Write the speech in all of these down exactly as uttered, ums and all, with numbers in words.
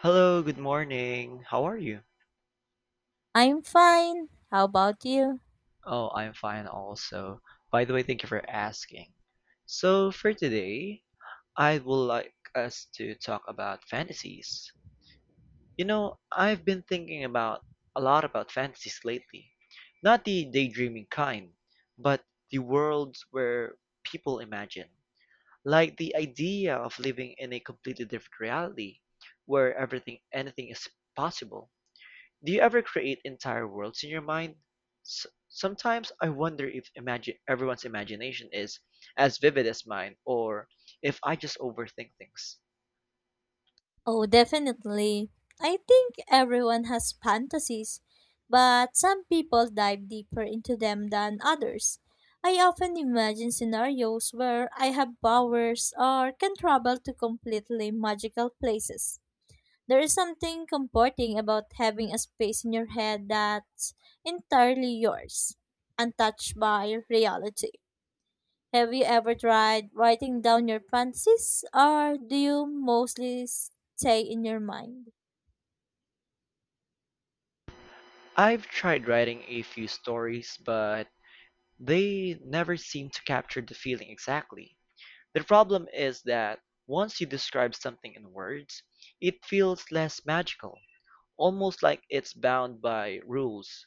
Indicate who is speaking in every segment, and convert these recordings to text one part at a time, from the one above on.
Speaker 1: Hello, good morning. How are you?
Speaker 2: I'm fine. How about you?
Speaker 1: Oh, I'm fine also. By the way, thank you for asking. So, for today, I would like us to talk about fantasies. You know, I've been thinking about a lot about fantasies lately. Not the daydreaming kind, but the worlds where people imagine. Like the idea of living in a completely different reality where everything anything is possible. Do you ever create entire worlds in your mind? S- sometimes I wonder if imagine everyone's imagination is as vivid as mine, or if I just overthink things.
Speaker 2: Oh, definitely. I think everyone has fantasies, but some people dive deeper into them than others. I often imagine scenarios where I have powers or can travel to completely magical places. There is something comforting about having a space in your head that's entirely yours, untouched by reality. Have you ever tried writing down your fantasies, or do you mostly stay in your mind?
Speaker 1: I've tried writing a few stories, but they never seem to capture the feeling exactly. The problem is that once you describe something in words, it feels less magical, almost like it's bound by rules.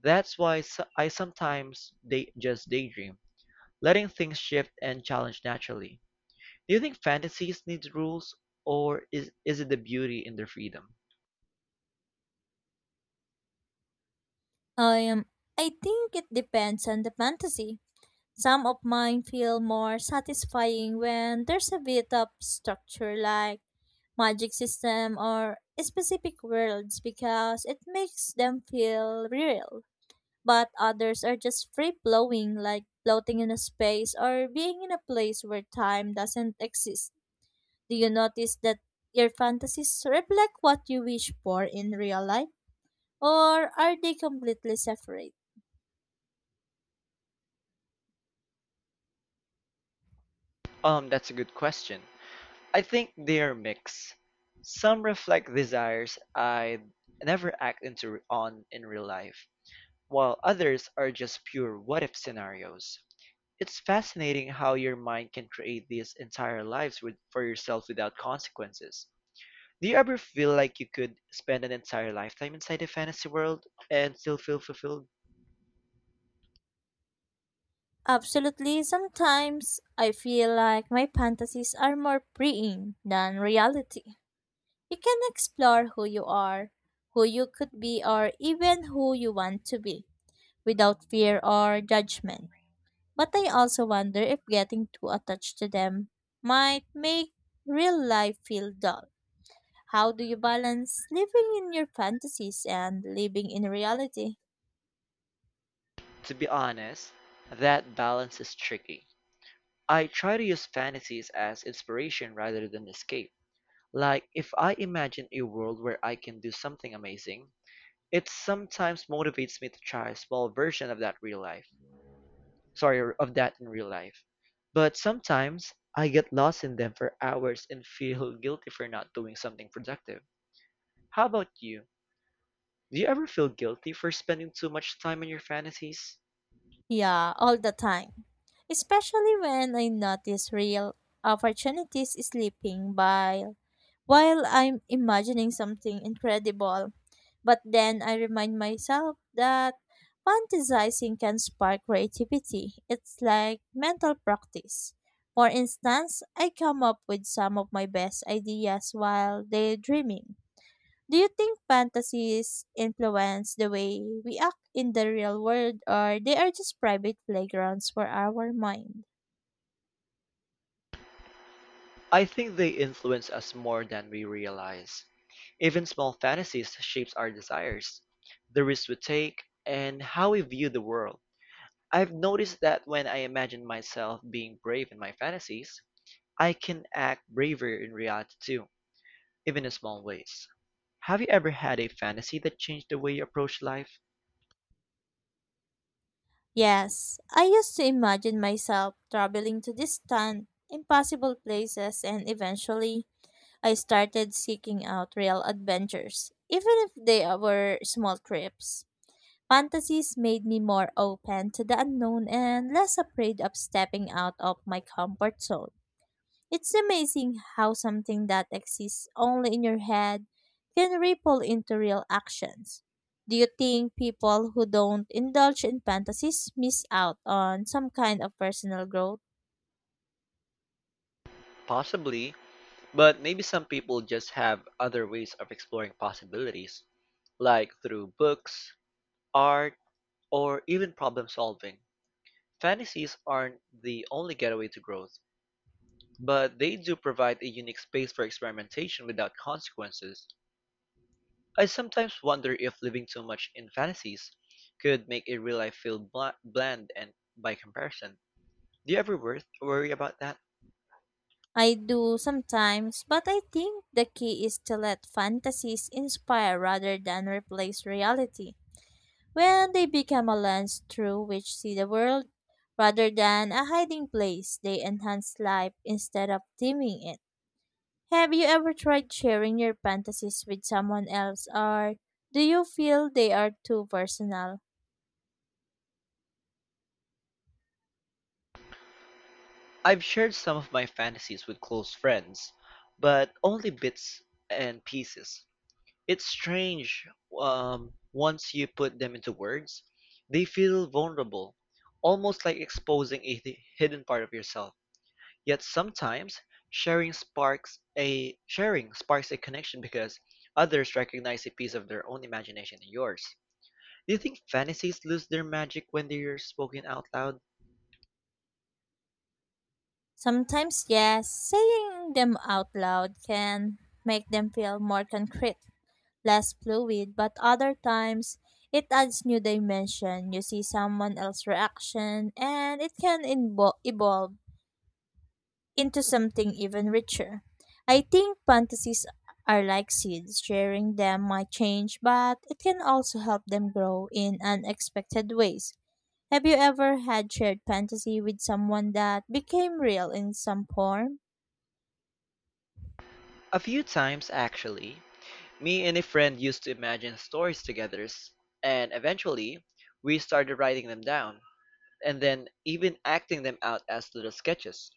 Speaker 1: That's why so- I sometimes day- just daydream, letting things shift and challenge naturally. Do you think fantasies need rules, or is is it the beauty in their freedom?
Speaker 2: Um, I think it depends on the fantasy. Some of mine feel more satisfying when there's a bit of structure like magic system or specific worlds because it makes them feel real. But others are just free flowing like floating in a space or being in a place where time doesn't exist. Do you notice that your fantasies reflect what you wish for in real life, or are they completely separate?
Speaker 1: Um, that's a good question. I think they're mixed. Some reflect desires I never act into on in real life, while others are just pure what if scenarios. It's fascinating how your mind can create these entire lives with, for yourself without consequences. Do you ever feel like you could spend an entire lifetime inside a fantasy world and still feel fulfilled?
Speaker 2: Absolutely, sometimes I feel like my fantasies are more freeing than reality. You can explore who you are, who you could be, or even who you want to be without fear or judgment. But I also wonder if getting too attached to them might make real life feel dull. How do you balance living in your fantasies and living in reality?
Speaker 1: To be honest, that balance is tricky. I try to use fantasies as inspiration rather than escape. Like, if I imagine a world where I can do something amazing, it sometimes motivates me to try a small version of that real life. Sorry, of that in real life. But sometimes I get lost in them for hours and feel guilty for not doing something productive. How about you? Do you ever feel guilty for spending too much time in your fantasies?
Speaker 2: Yeah, all the time. Especially when I notice real opportunities slipping by while I'm imagining something incredible. But then I remind myself that fantasizing can spark creativity. It's like mental practice. For instance, I come up with some of my best ideas while daydreaming. Do you think fantasies influence the way we act in the real world or they are just private playgrounds for our mind?
Speaker 1: I think they influence us more than we realize. Even small fantasies shapes our desires, the risks we take, and how we view the world. I've noticed that when I imagine myself being brave in my fantasies, I can act braver in reality too, even in small ways. Have you ever had a fantasy that changed the way you approach life?
Speaker 2: Yes, I used to imagine myself traveling to distant, impossible places and eventually I started seeking out real adventures, even if they were small trips. Fantasies made me more open to the unknown and less afraid of stepping out of my comfort zone. It's amazing how something that exists only in your head can ripple into real actions. Do you think people who don't indulge in fantasies miss out on some kind of personal growth?
Speaker 1: Possibly, but maybe some people just have other ways of exploring possibilities, like through books, art, or even problem solving. Fantasies aren't the only getaway to growth. But they do provide a unique space for experimentation without consequences. I sometimes wonder if living too much in fantasies could make a real life feel bla- bland and by comparison. Do you ever wor- worry about that?
Speaker 2: I do sometimes, but I think the key is to let fantasies inspire rather than replace reality. When they become a lens through which see the world rather than a hiding place, they enhance life instead of dimming it. Have you ever tried sharing your fantasies with someone else, or do you feel they are too personal?
Speaker 1: I've shared some of my fantasies with close friends, but only bits and pieces. It's strange, um, once you put them into words, they feel vulnerable, almost like exposing a hi- hidden part of yourself. Yet sometimes, sharing sparks a sharing sparks a connection because others recognize a piece of their own imagination in yours. Do you think fantasies lose their magic when they're spoken out loud?
Speaker 2: Sometimes, yes, saying them out loud can make them feel more concrete, less fluid, but other times it adds new dimension. You see someone else's reaction, and it can invo- evolve into something even richer. I think fantasies are like seeds. Sharing them might change, but it can also help them grow in unexpected ways. Have you ever had shared fantasy with someone that became real in some form?
Speaker 1: A few times actually, me and a friend used to imagine stories together, s- and eventually, we started writing them down and then even acting them out as little sketches.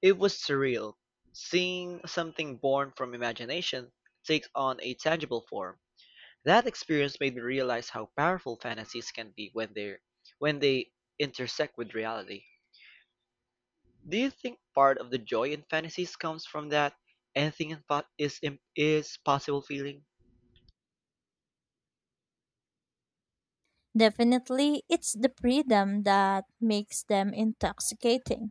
Speaker 1: It was surreal, seeing something born from imagination take on a tangible form. That experience made me realize how powerful fantasies can be when they when they intersect with reality. Do you think part of the joy in fantasies comes from that anything in po- is im- is possible feeling?
Speaker 2: Definitely, it's the freedom that makes them intoxicating.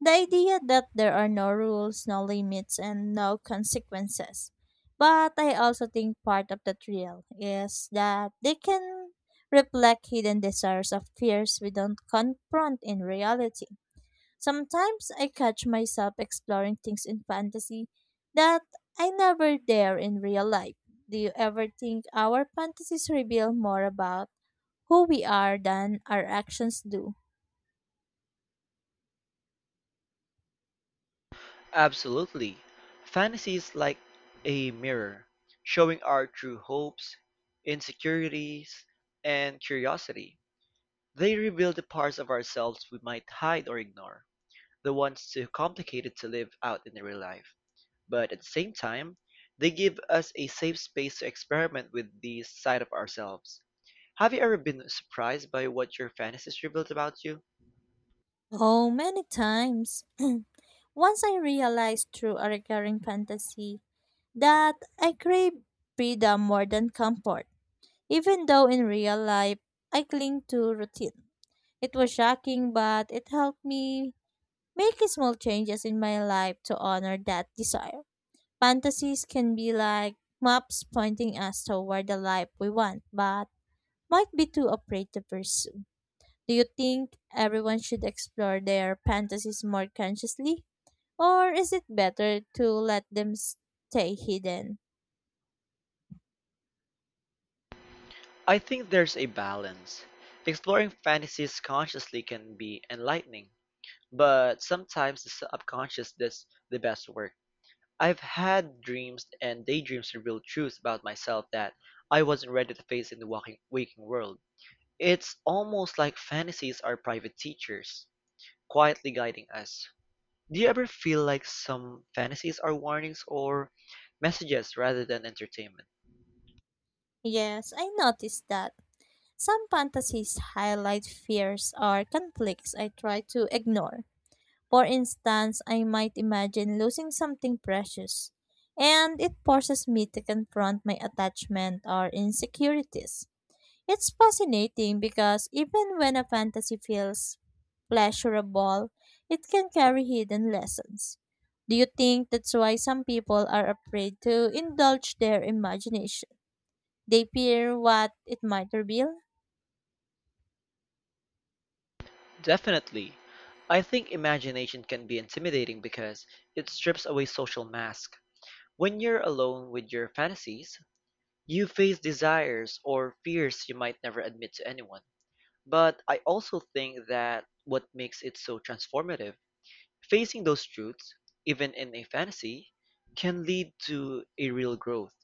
Speaker 2: The idea that there are no rules, no limits, and no consequences. But I also think part of the thrill is that they can reflect hidden desires of fears we don't confront in reality. Sometimes I catch myself exploring things in fantasy that I never dare in real life. Do you ever think our fantasies reveal more about who we are than our actions do?
Speaker 1: Absolutely. Fantasy is like a mirror, showing our true hopes, insecurities, and curiosity. They reveal the parts of ourselves we might hide or ignore, the ones too complicated to live out in real life. But at the same time, they give us a safe space to experiment with these side of ourselves. Have you ever been surprised by what your fantasies revealed about you?
Speaker 2: Oh, many times. Once I realized through a recurring fantasy that I crave freedom more than comfort, even though in real life I cling to routine. It was shocking, but it helped me make small changes in my life to honor that desire. Fantasies can be like maps pointing us toward the life we want, but might be too afraid to pursue. Do you think everyone should explore their fantasies more consciously? Or is it better to let them stay hidden?
Speaker 1: I think there's a balance. Exploring fantasies consciously can be enlightening, but sometimes the subconscious does the best work. I've had dreams and daydreams reveal truths about myself that I wasn't ready to face in the walking, waking world. It's almost like fantasies are private teachers, quietly guiding us. Do you ever feel like some fantasies are warnings or messages rather than entertainment?
Speaker 2: Yes, I noticed that. Some fantasies highlight fears or conflicts I try to ignore. For instance, I might imagine losing something precious, and it forces me to confront my attachment or insecurities. It's fascinating because even when a fantasy feels pleasurable, it can carry hidden lessons. Do you think that's why some people are afraid to indulge their imagination? They fear what it might reveal?
Speaker 1: Definitely. I think imagination can be intimidating because it strips away social mask. When you're alone with your fantasies, you face desires or fears you might never admit to anyone. But I also think that what makes it so transformative, facing those truths, even in a fantasy, can lead to a real growth.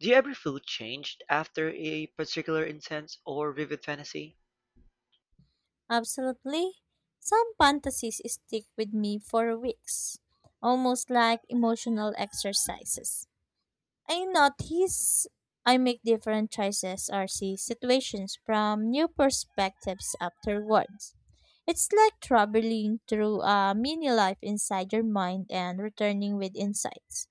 Speaker 1: Do you ever feel changed after a particular intense or vivid fantasy?
Speaker 2: Absolutely. Some fantasies stick with me for weeks, almost like emotional exercises. I notice I make different choices or see situations from new perspectives afterwards. It's like traveling through a mini life inside your mind and returning with insights.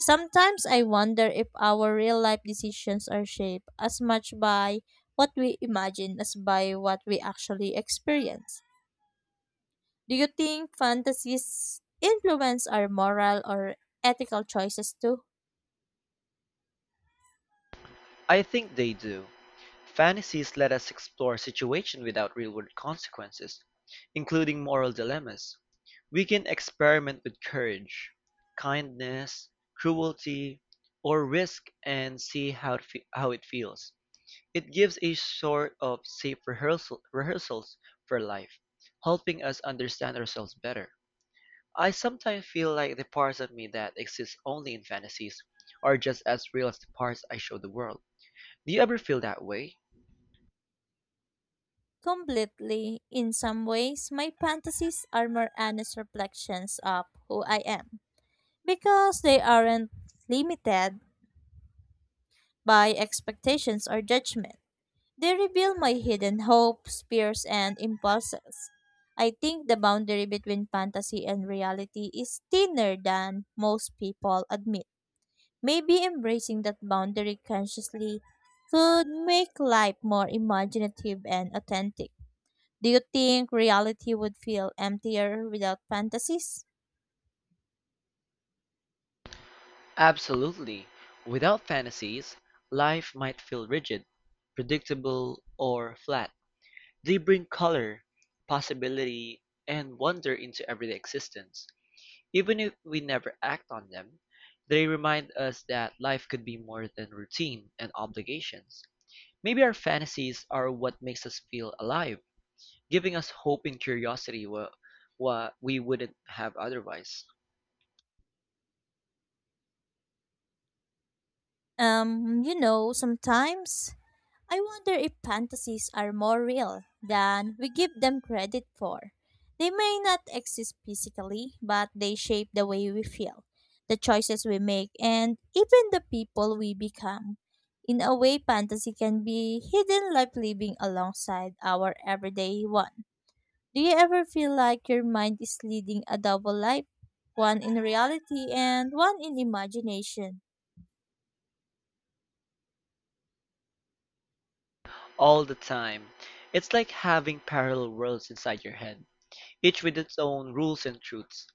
Speaker 2: Sometimes I wonder if our real life decisions are shaped as much by what we imagine as by what we actually experience. Do you think fantasies influence our moral or ethical choices too?
Speaker 1: I think they do. Fantasies let us explore situations without real world consequences, including moral dilemmas. We can experiment with courage, kindness, cruelty, or risk and see how it, fe- how it feels. It gives a sort of safe rehearsal, rehearsals for life, helping us understand ourselves better. I sometimes feel like the parts of me that exist only in fantasies are just as real as the parts I show the world. Do you ever feel that way?
Speaker 2: Completely. In some ways, my fantasies are more honest reflections of who I am because they aren't limited by expectations or judgment. They reveal my hidden hopes, fears, and impulses. I think the boundary between fantasy and reality is thinner than most people admit. Maybe embracing that boundary consciously could make life more imaginative and authentic. Do you think reality would feel emptier without fantasies?
Speaker 1: Absolutely. Without fantasies, life might feel rigid, predictable, or flat. They bring color, possibility, and wonder into everyday existence. Even if we never act on them, they remind us that life could be more than routine and obligations. Maybe our fantasies are what makes us feel alive, giving us hope and curiosity what, what we wouldn't have otherwise.
Speaker 2: Um, you know, sometimes I wonder if fantasies are more real than we give them credit for. They may not exist physically, but they shape the way we feel, the choices we make, and even the people we become. In a way, fantasy can be hidden life living alongside our everyday one. Do you ever feel like your mind is leading a double life, one in reality and one in imagination?
Speaker 1: All the time. It's like having parallel worlds inside your head, each with its own rules and truths.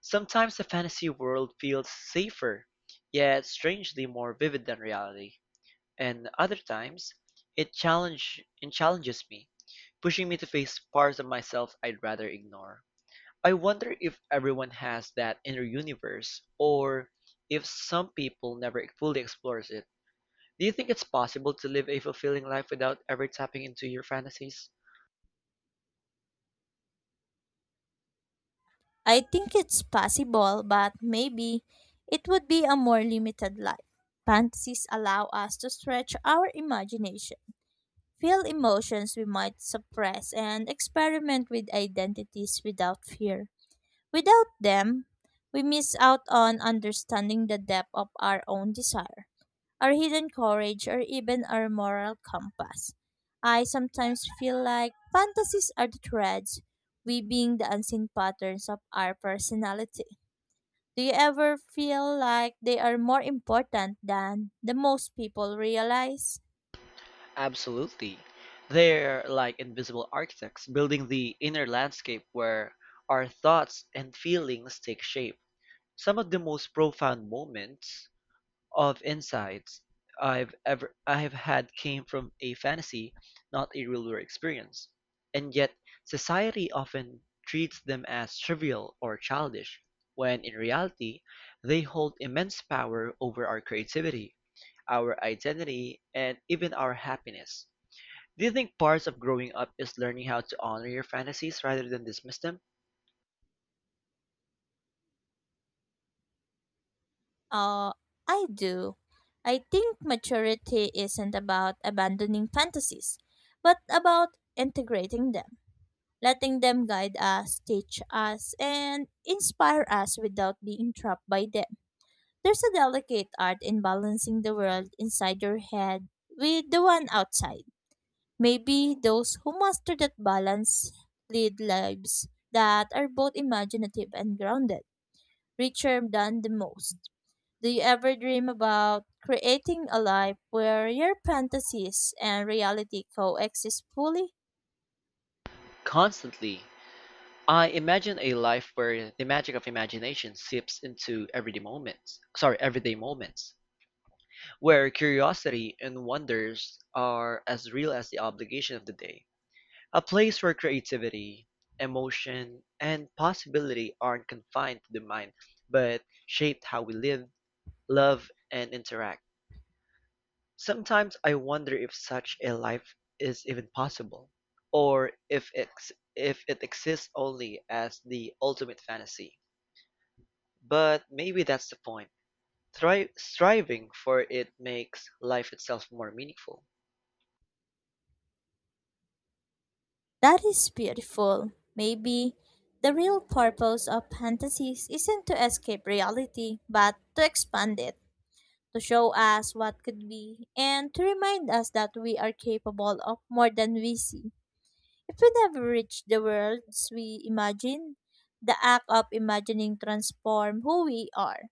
Speaker 1: Sometimes the fantasy world feels safer, yet strangely more vivid than reality. And other times, it challenge it challenges me, pushing me to face parts of myself I'd rather ignore. I wonder if everyone has that inner universe, or if some people never fully explores it. Do you think it's possible to live a fulfilling life without ever tapping into your fantasies?
Speaker 2: I think it's possible, but maybe it would be a more limited life. Fantasies allow us to stretch our imagination, feel emotions we might suppress, and experiment with identities without fear. Without them, we miss out on understanding the depth of our own desire our hidden courage, or even our moral compass. I sometimes feel like fantasies are the threads weaving the unseen patterns of our personality. Do you ever feel like they are more important than the most people realize?
Speaker 1: Absolutely. They're like invisible architects building the inner landscape where our thoughts and feelings take shape. Some of the most profound moments of insights I've ever I have had came from a fantasy, not a real world experience. And yet, society often treats them as trivial or childish, when in reality, they hold immense power over our creativity, our identity, and even our happiness. Do you think parts of growing up is learning how to honor your fantasies rather than dismiss them?
Speaker 2: Uh, I do. I think maturity isn't about abandoning fantasies, but about integrating them letting them guide us, teach us, and inspire us without being trapped by them. There's a delicate art in balancing the world inside your head with the one outside. Maybe those who master that balance lead lives that are both imaginative and grounded, richer than the most. Do you ever dream about creating a life where your fantasies and reality coexist fully?
Speaker 1: Constantly. I imagine a life where the magic of imagination seeps into everyday moments. Sorry, everyday moments, where curiosity and wonders are as real as the obligation of the day. A place where creativity, emotion, and possibility aren't confined to the mind, but shaped how we live, love, and interact. Sometimes I wonder if such a life is even possible, or if it, if it exists only as the ultimate fantasy. But maybe that's the point. Thri- striving for it makes life itself more meaningful.
Speaker 2: That is beautiful. Maybe the real purpose of fantasies isn't to escape reality, but to expand it, to show us what could be, and to remind us that we are capable of more than we see. If we never reach the worlds we imagine, the act of imagining transforms who we are.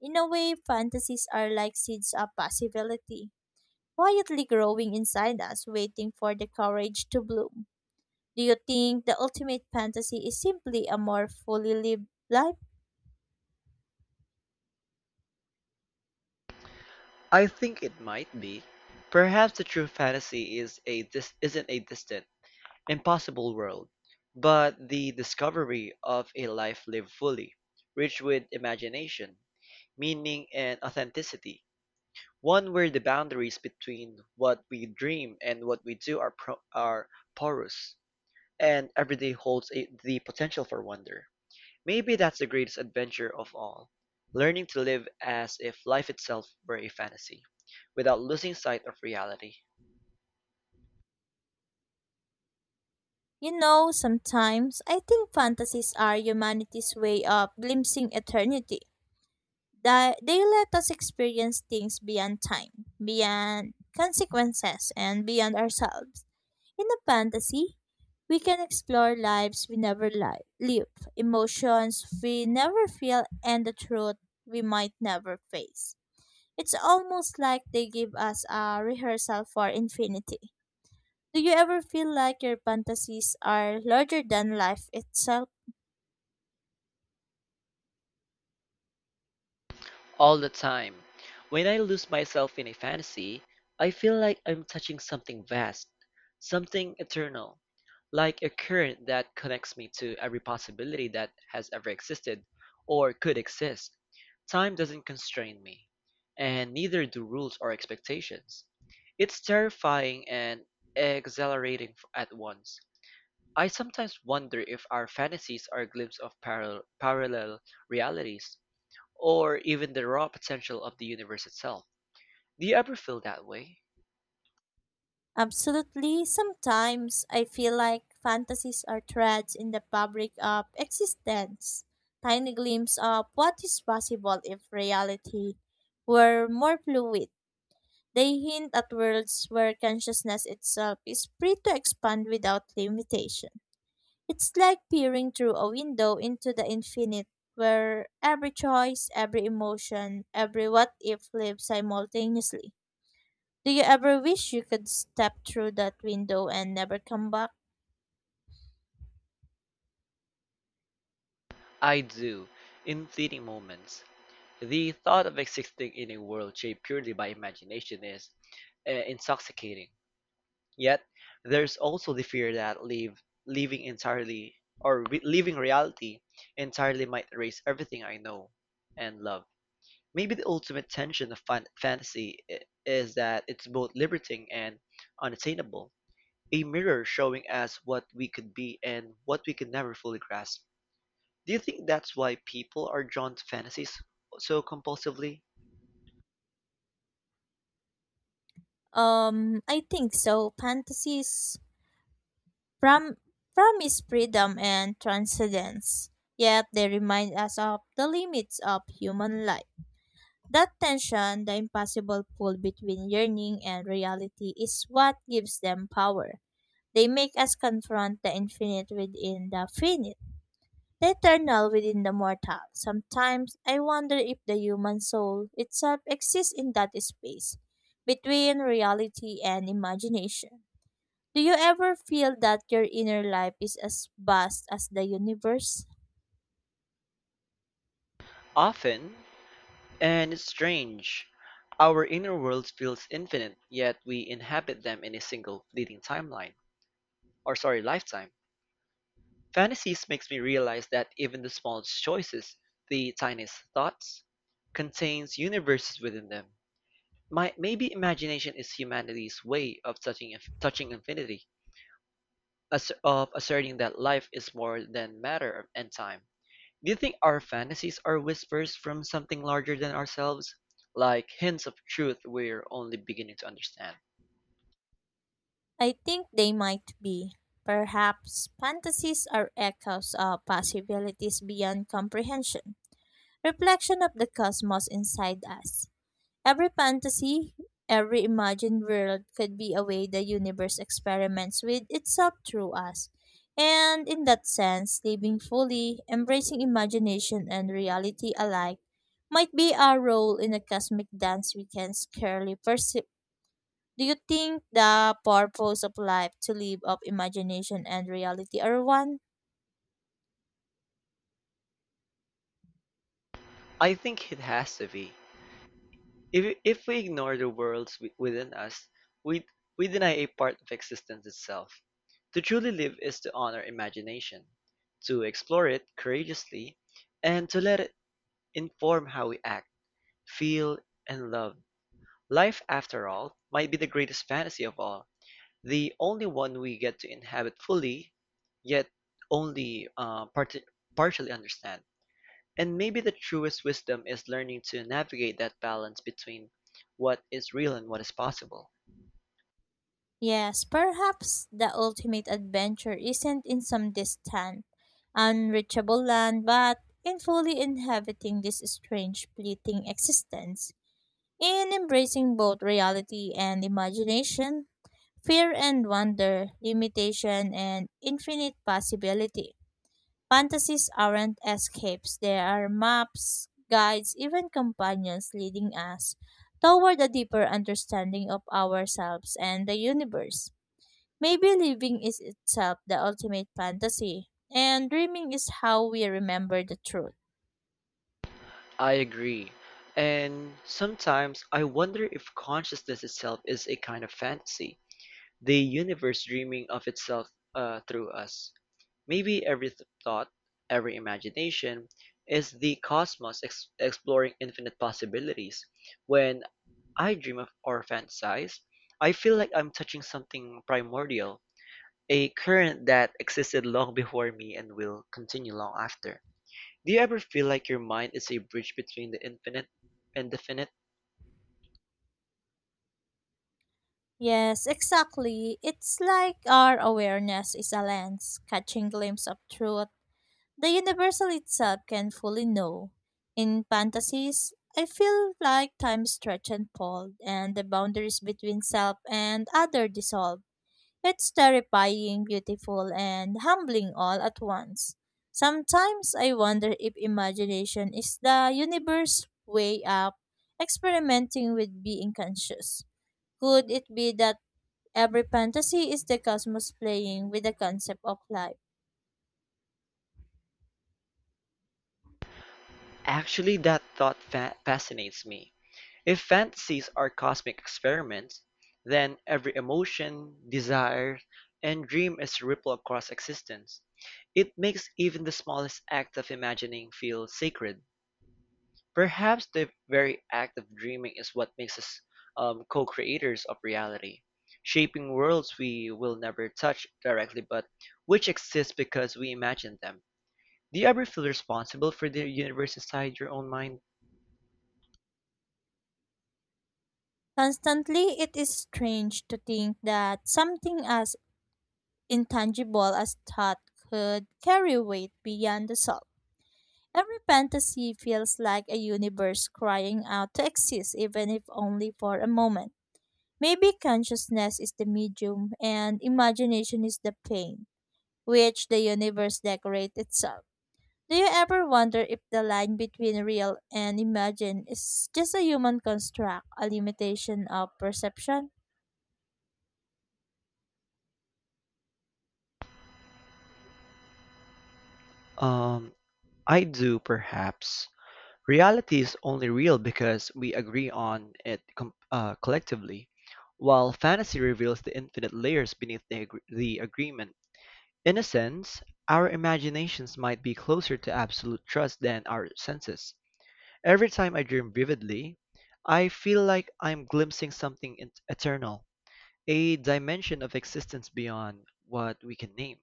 Speaker 2: In a way, fantasies are like seeds of possibility, quietly growing inside us, waiting for the courage to bloom. Do you think the ultimate fantasy is simply a more fully lived life?
Speaker 1: I think it might be. Perhaps the true fantasy is a dis- isn't a distant, impossible world, but the discovery of a life lived fully, rich with imagination, meaning, and authenticity. One where the boundaries between what we dream and what we do are, pro- are porous, and every day holds a- the potential for wonder. Maybe that's the greatest adventure of all, learning to live as if life itself were a fantasy, without losing sight of reality.
Speaker 2: You know, sometimes I think fantasies are humanity's way of glimpsing eternity. That they let us experience things beyond time, beyond consequences, and beyond ourselves. In a fantasy, we can explore lives we never li- live, emotions we never feel, and the truth we might never face. It's almost like they give us a rehearsal for infinity. Do you ever feel like your fantasies are larger than life itself?
Speaker 1: All the time. When I lose myself in a fantasy, I feel like I'm touching something vast, something eternal, like a current that connects me to every possibility that has ever existed or could exist. Time doesn't constrain me, and neither do rules or expectations. It's terrifying and exhilarating f- at once. I sometimes wonder if our fantasies are a glimpse of parallel, parallel realities, or even the raw potential of the universe itself. Do you ever feel that way?
Speaker 2: Absolutely. Sometimes I feel like fantasies are threads in the fabric of existence, tiny glimpse of what is possible if reality were more fluid. They hint at worlds where consciousness itself is free to expand without limitation. It's like peering through a window into the infinite, where every choice, every emotion, every what if lives simultaneously. Do you ever wish you could step through that window and never come back?
Speaker 1: I do, in fleeting moments. The thought of existing in a world shaped purely by imagination is uh, intoxicating. Yet, there's also the fear that leave, leaving entirely or re- leaving reality entirely might erase everything I know and love. Maybe the ultimate tension of fan- fantasy i- is that it's both liberating and unattainable, a mirror showing us what we could be and what we could never fully grasp. Do you think that's why people are drawn to fantasies so compulsively?
Speaker 2: Um, I think so. Fantasies prom- promise freedom and transcendence, yet they remind us of the limits of human life. That tension, the impossible pull between yearning and reality, is what gives them power. They make us confront the infinite within the finite, the eternal within the mortal. Sometimes I wonder if the human soul itself exists in that space between reality and imagination. Do you ever feel that your inner life is as vast as the universe?
Speaker 1: Often, and it's strange, our inner world feels infinite, yet we inhabit them in a single fleeting timeline, or sorry, lifetime. Fantasies makes me realize that even the smallest choices, the tiniest thoughts, contains universes within them. My, maybe imagination is humanity's way of touching touching infinity, as, of asserting that life is more than matter and time. Do you think our fantasies are whispers from something larger than ourselves? Like hints of truth we're only beginning to understand?
Speaker 2: I think they might be. Perhaps fantasies are echoes of possibilities beyond comprehension, reflection of the cosmos inside us. Every fantasy, every imagined world could be a way the universe experiments with itself through us. And in that sense, living fully, embracing imagination and reality alike might be our role in a cosmic dance we can scarcely perceive. Do you think the purpose of life to live up imagination and reality are one?
Speaker 1: I think it has to be. If, if we ignore the worlds wi- within us, we, we deny a part of existence itself. To truly live is to honor imagination, to explore it courageously, and to let it inform how we act, feel, and love. Life, after all, might be the greatest fantasy of all, the only one we get to inhabit fully, yet only uh, part- partially understand. And maybe the truest wisdom is learning to navigate that balance between what is real and what is possible.
Speaker 2: Yes, perhaps the ultimate adventure isn't in some distant, unreachable land, but in fully inhabiting this strange, fleeting existence, in embracing both reality and imagination, fear and wonder, limitation and infinite possibility. Fantasies aren't escapes, they are maps, guides, even companions leading us toward a deeper understanding of ourselves and the universe. Maybe living is itself the ultimate fantasy, and dreaming is how we remember the truth.
Speaker 1: I agree. And sometimes I wonder if consciousness itself is a kind of fantasy, the universe dreaming of itself uh, through us. Maybe every th- thought, every imagination, is the cosmos ex- exploring infinite possibilities. When I dream of or fantasize, I feel like I'm touching something primordial, a current that existed long before me and will continue long after. Do you ever feel like your mind is a bridge between the infinite and definite?
Speaker 2: Yes, exactly. It's like our awareness is a lens, catching glimpse of truth the universal itself can fully know. In fantasies, I feel like time stretched and pulled, and the boundaries between self and other dissolve. It's terrifying, beautiful, and humbling all at once. Sometimes I wonder if imagination is the universe way up experimenting with being conscious. Could it be that every fantasy is the cosmos playing with the concept of life?
Speaker 1: Actually, that thought fa- fascinates me. If fantasies are cosmic experiments, then every emotion, desire, and dream is a ripple across existence. It makes even the smallest act of imagining feel sacred. Perhaps the very act of dreaming is what makes us um, co-creators of reality, shaping worlds we will never touch directly but which exist because we imagine them. Do you ever feel responsible for the universe inside your own mind?
Speaker 2: Constantly, it is strange to think that something as intangible as thought could carry weight beyond the self. Every fantasy feels like a universe crying out to exist, even if only for a moment. Maybe consciousness is the medium and imagination is the paint, which the universe decorates itself. Do you ever wonder if the line between real and imagined is just a human construct, a limitation of perception?
Speaker 1: Um, I do, perhaps. Reality is only real because we agree on it com- uh, collectively, while fantasy reveals the infinite layers beneath the, agr- the agreement. In a sense, our imaginations might be closer to absolute trust than our senses. Every time I dream vividly, I feel like I'm glimpsing something in- eternal, a dimension of existence beyond what we can name.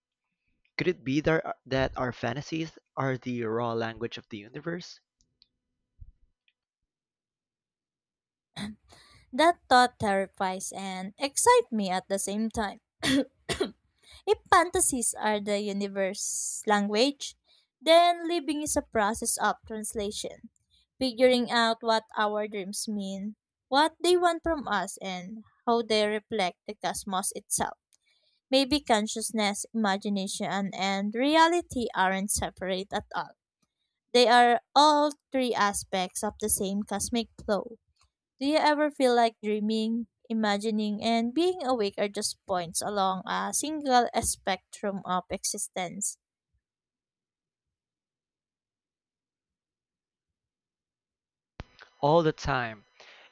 Speaker 1: Could it be that that our fantasies are the raw language of the universe?
Speaker 2: That thought terrifies and excites me at the same time. If fantasies are the universe language, then living is a process of translation, figuring out what our dreams mean, what they want from us, and how they reflect the cosmos itself. Maybe consciousness, imagination, and reality aren't separate at all. They are all three aspects of the same cosmic flow. Do you ever feel like dreaming, imagining, and being awake are just points along a single spectrum of existence?
Speaker 1: All the time.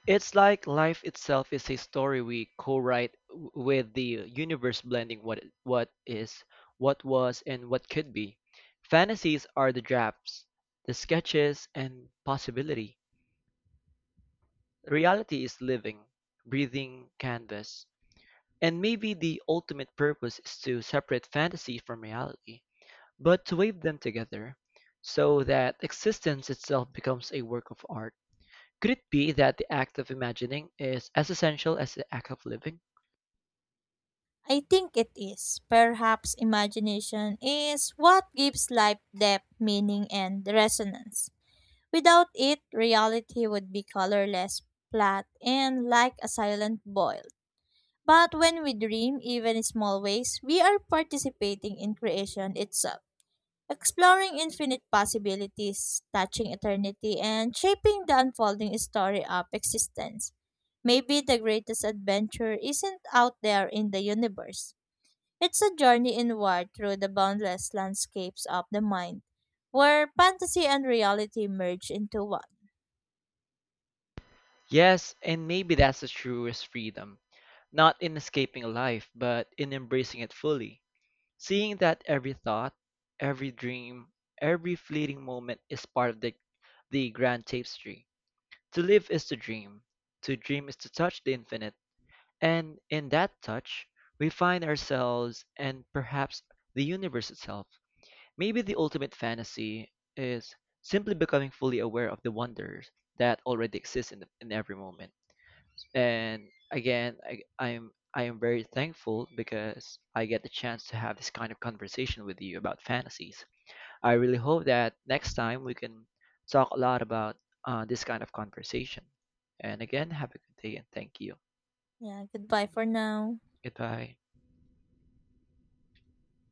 Speaker 1: It's like life itself is a story we co-write w- with the universe blending what what is, what was, and what could be. Fantasies are the drafts, the sketches, and possibility. Reality is living, breathing canvas. And maybe the ultimate purpose is to separate fantasy from reality, but to weave them together so that existence itself becomes a work of art. Could it be that the act of imagining is as essential as the act of living?
Speaker 2: I think it is. Perhaps imagination is what gives life depth, meaning, and resonance. Without it, reality would be colorless, flat, and like a silent boil. But when we dream, even in small ways, we are participating in creation itself. Exploring infinite possibilities, touching eternity, and shaping the unfolding story of existence. Maybe the greatest adventure isn't out there in the universe. It's a journey inward through the boundless landscapes of the mind, where fantasy and reality merge into one.
Speaker 1: Yes, and maybe that's the truest freedom, not in escaping life, but in embracing it fully. Seeing that every thought, every dream, every fleeting moment is part of the, the grand tapestry. To live is to dream, to dream is to touch the infinite, and in that touch, we find ourselves and perhaps the universe itself. Maybe the ultimate fantasy is simply becoming fully aware of the wonders that already exist in, the, in every moment. And again, I, I'm I am very thankful because I get the chance to have this kind of conversation with you about fantasies. I really hope that next time we can talk a lot about uh, this kind of conversation. And again, have a good day and thank you.
Speaker 2: Yeah, goodbye for now.
Speaker 1: Goodbye.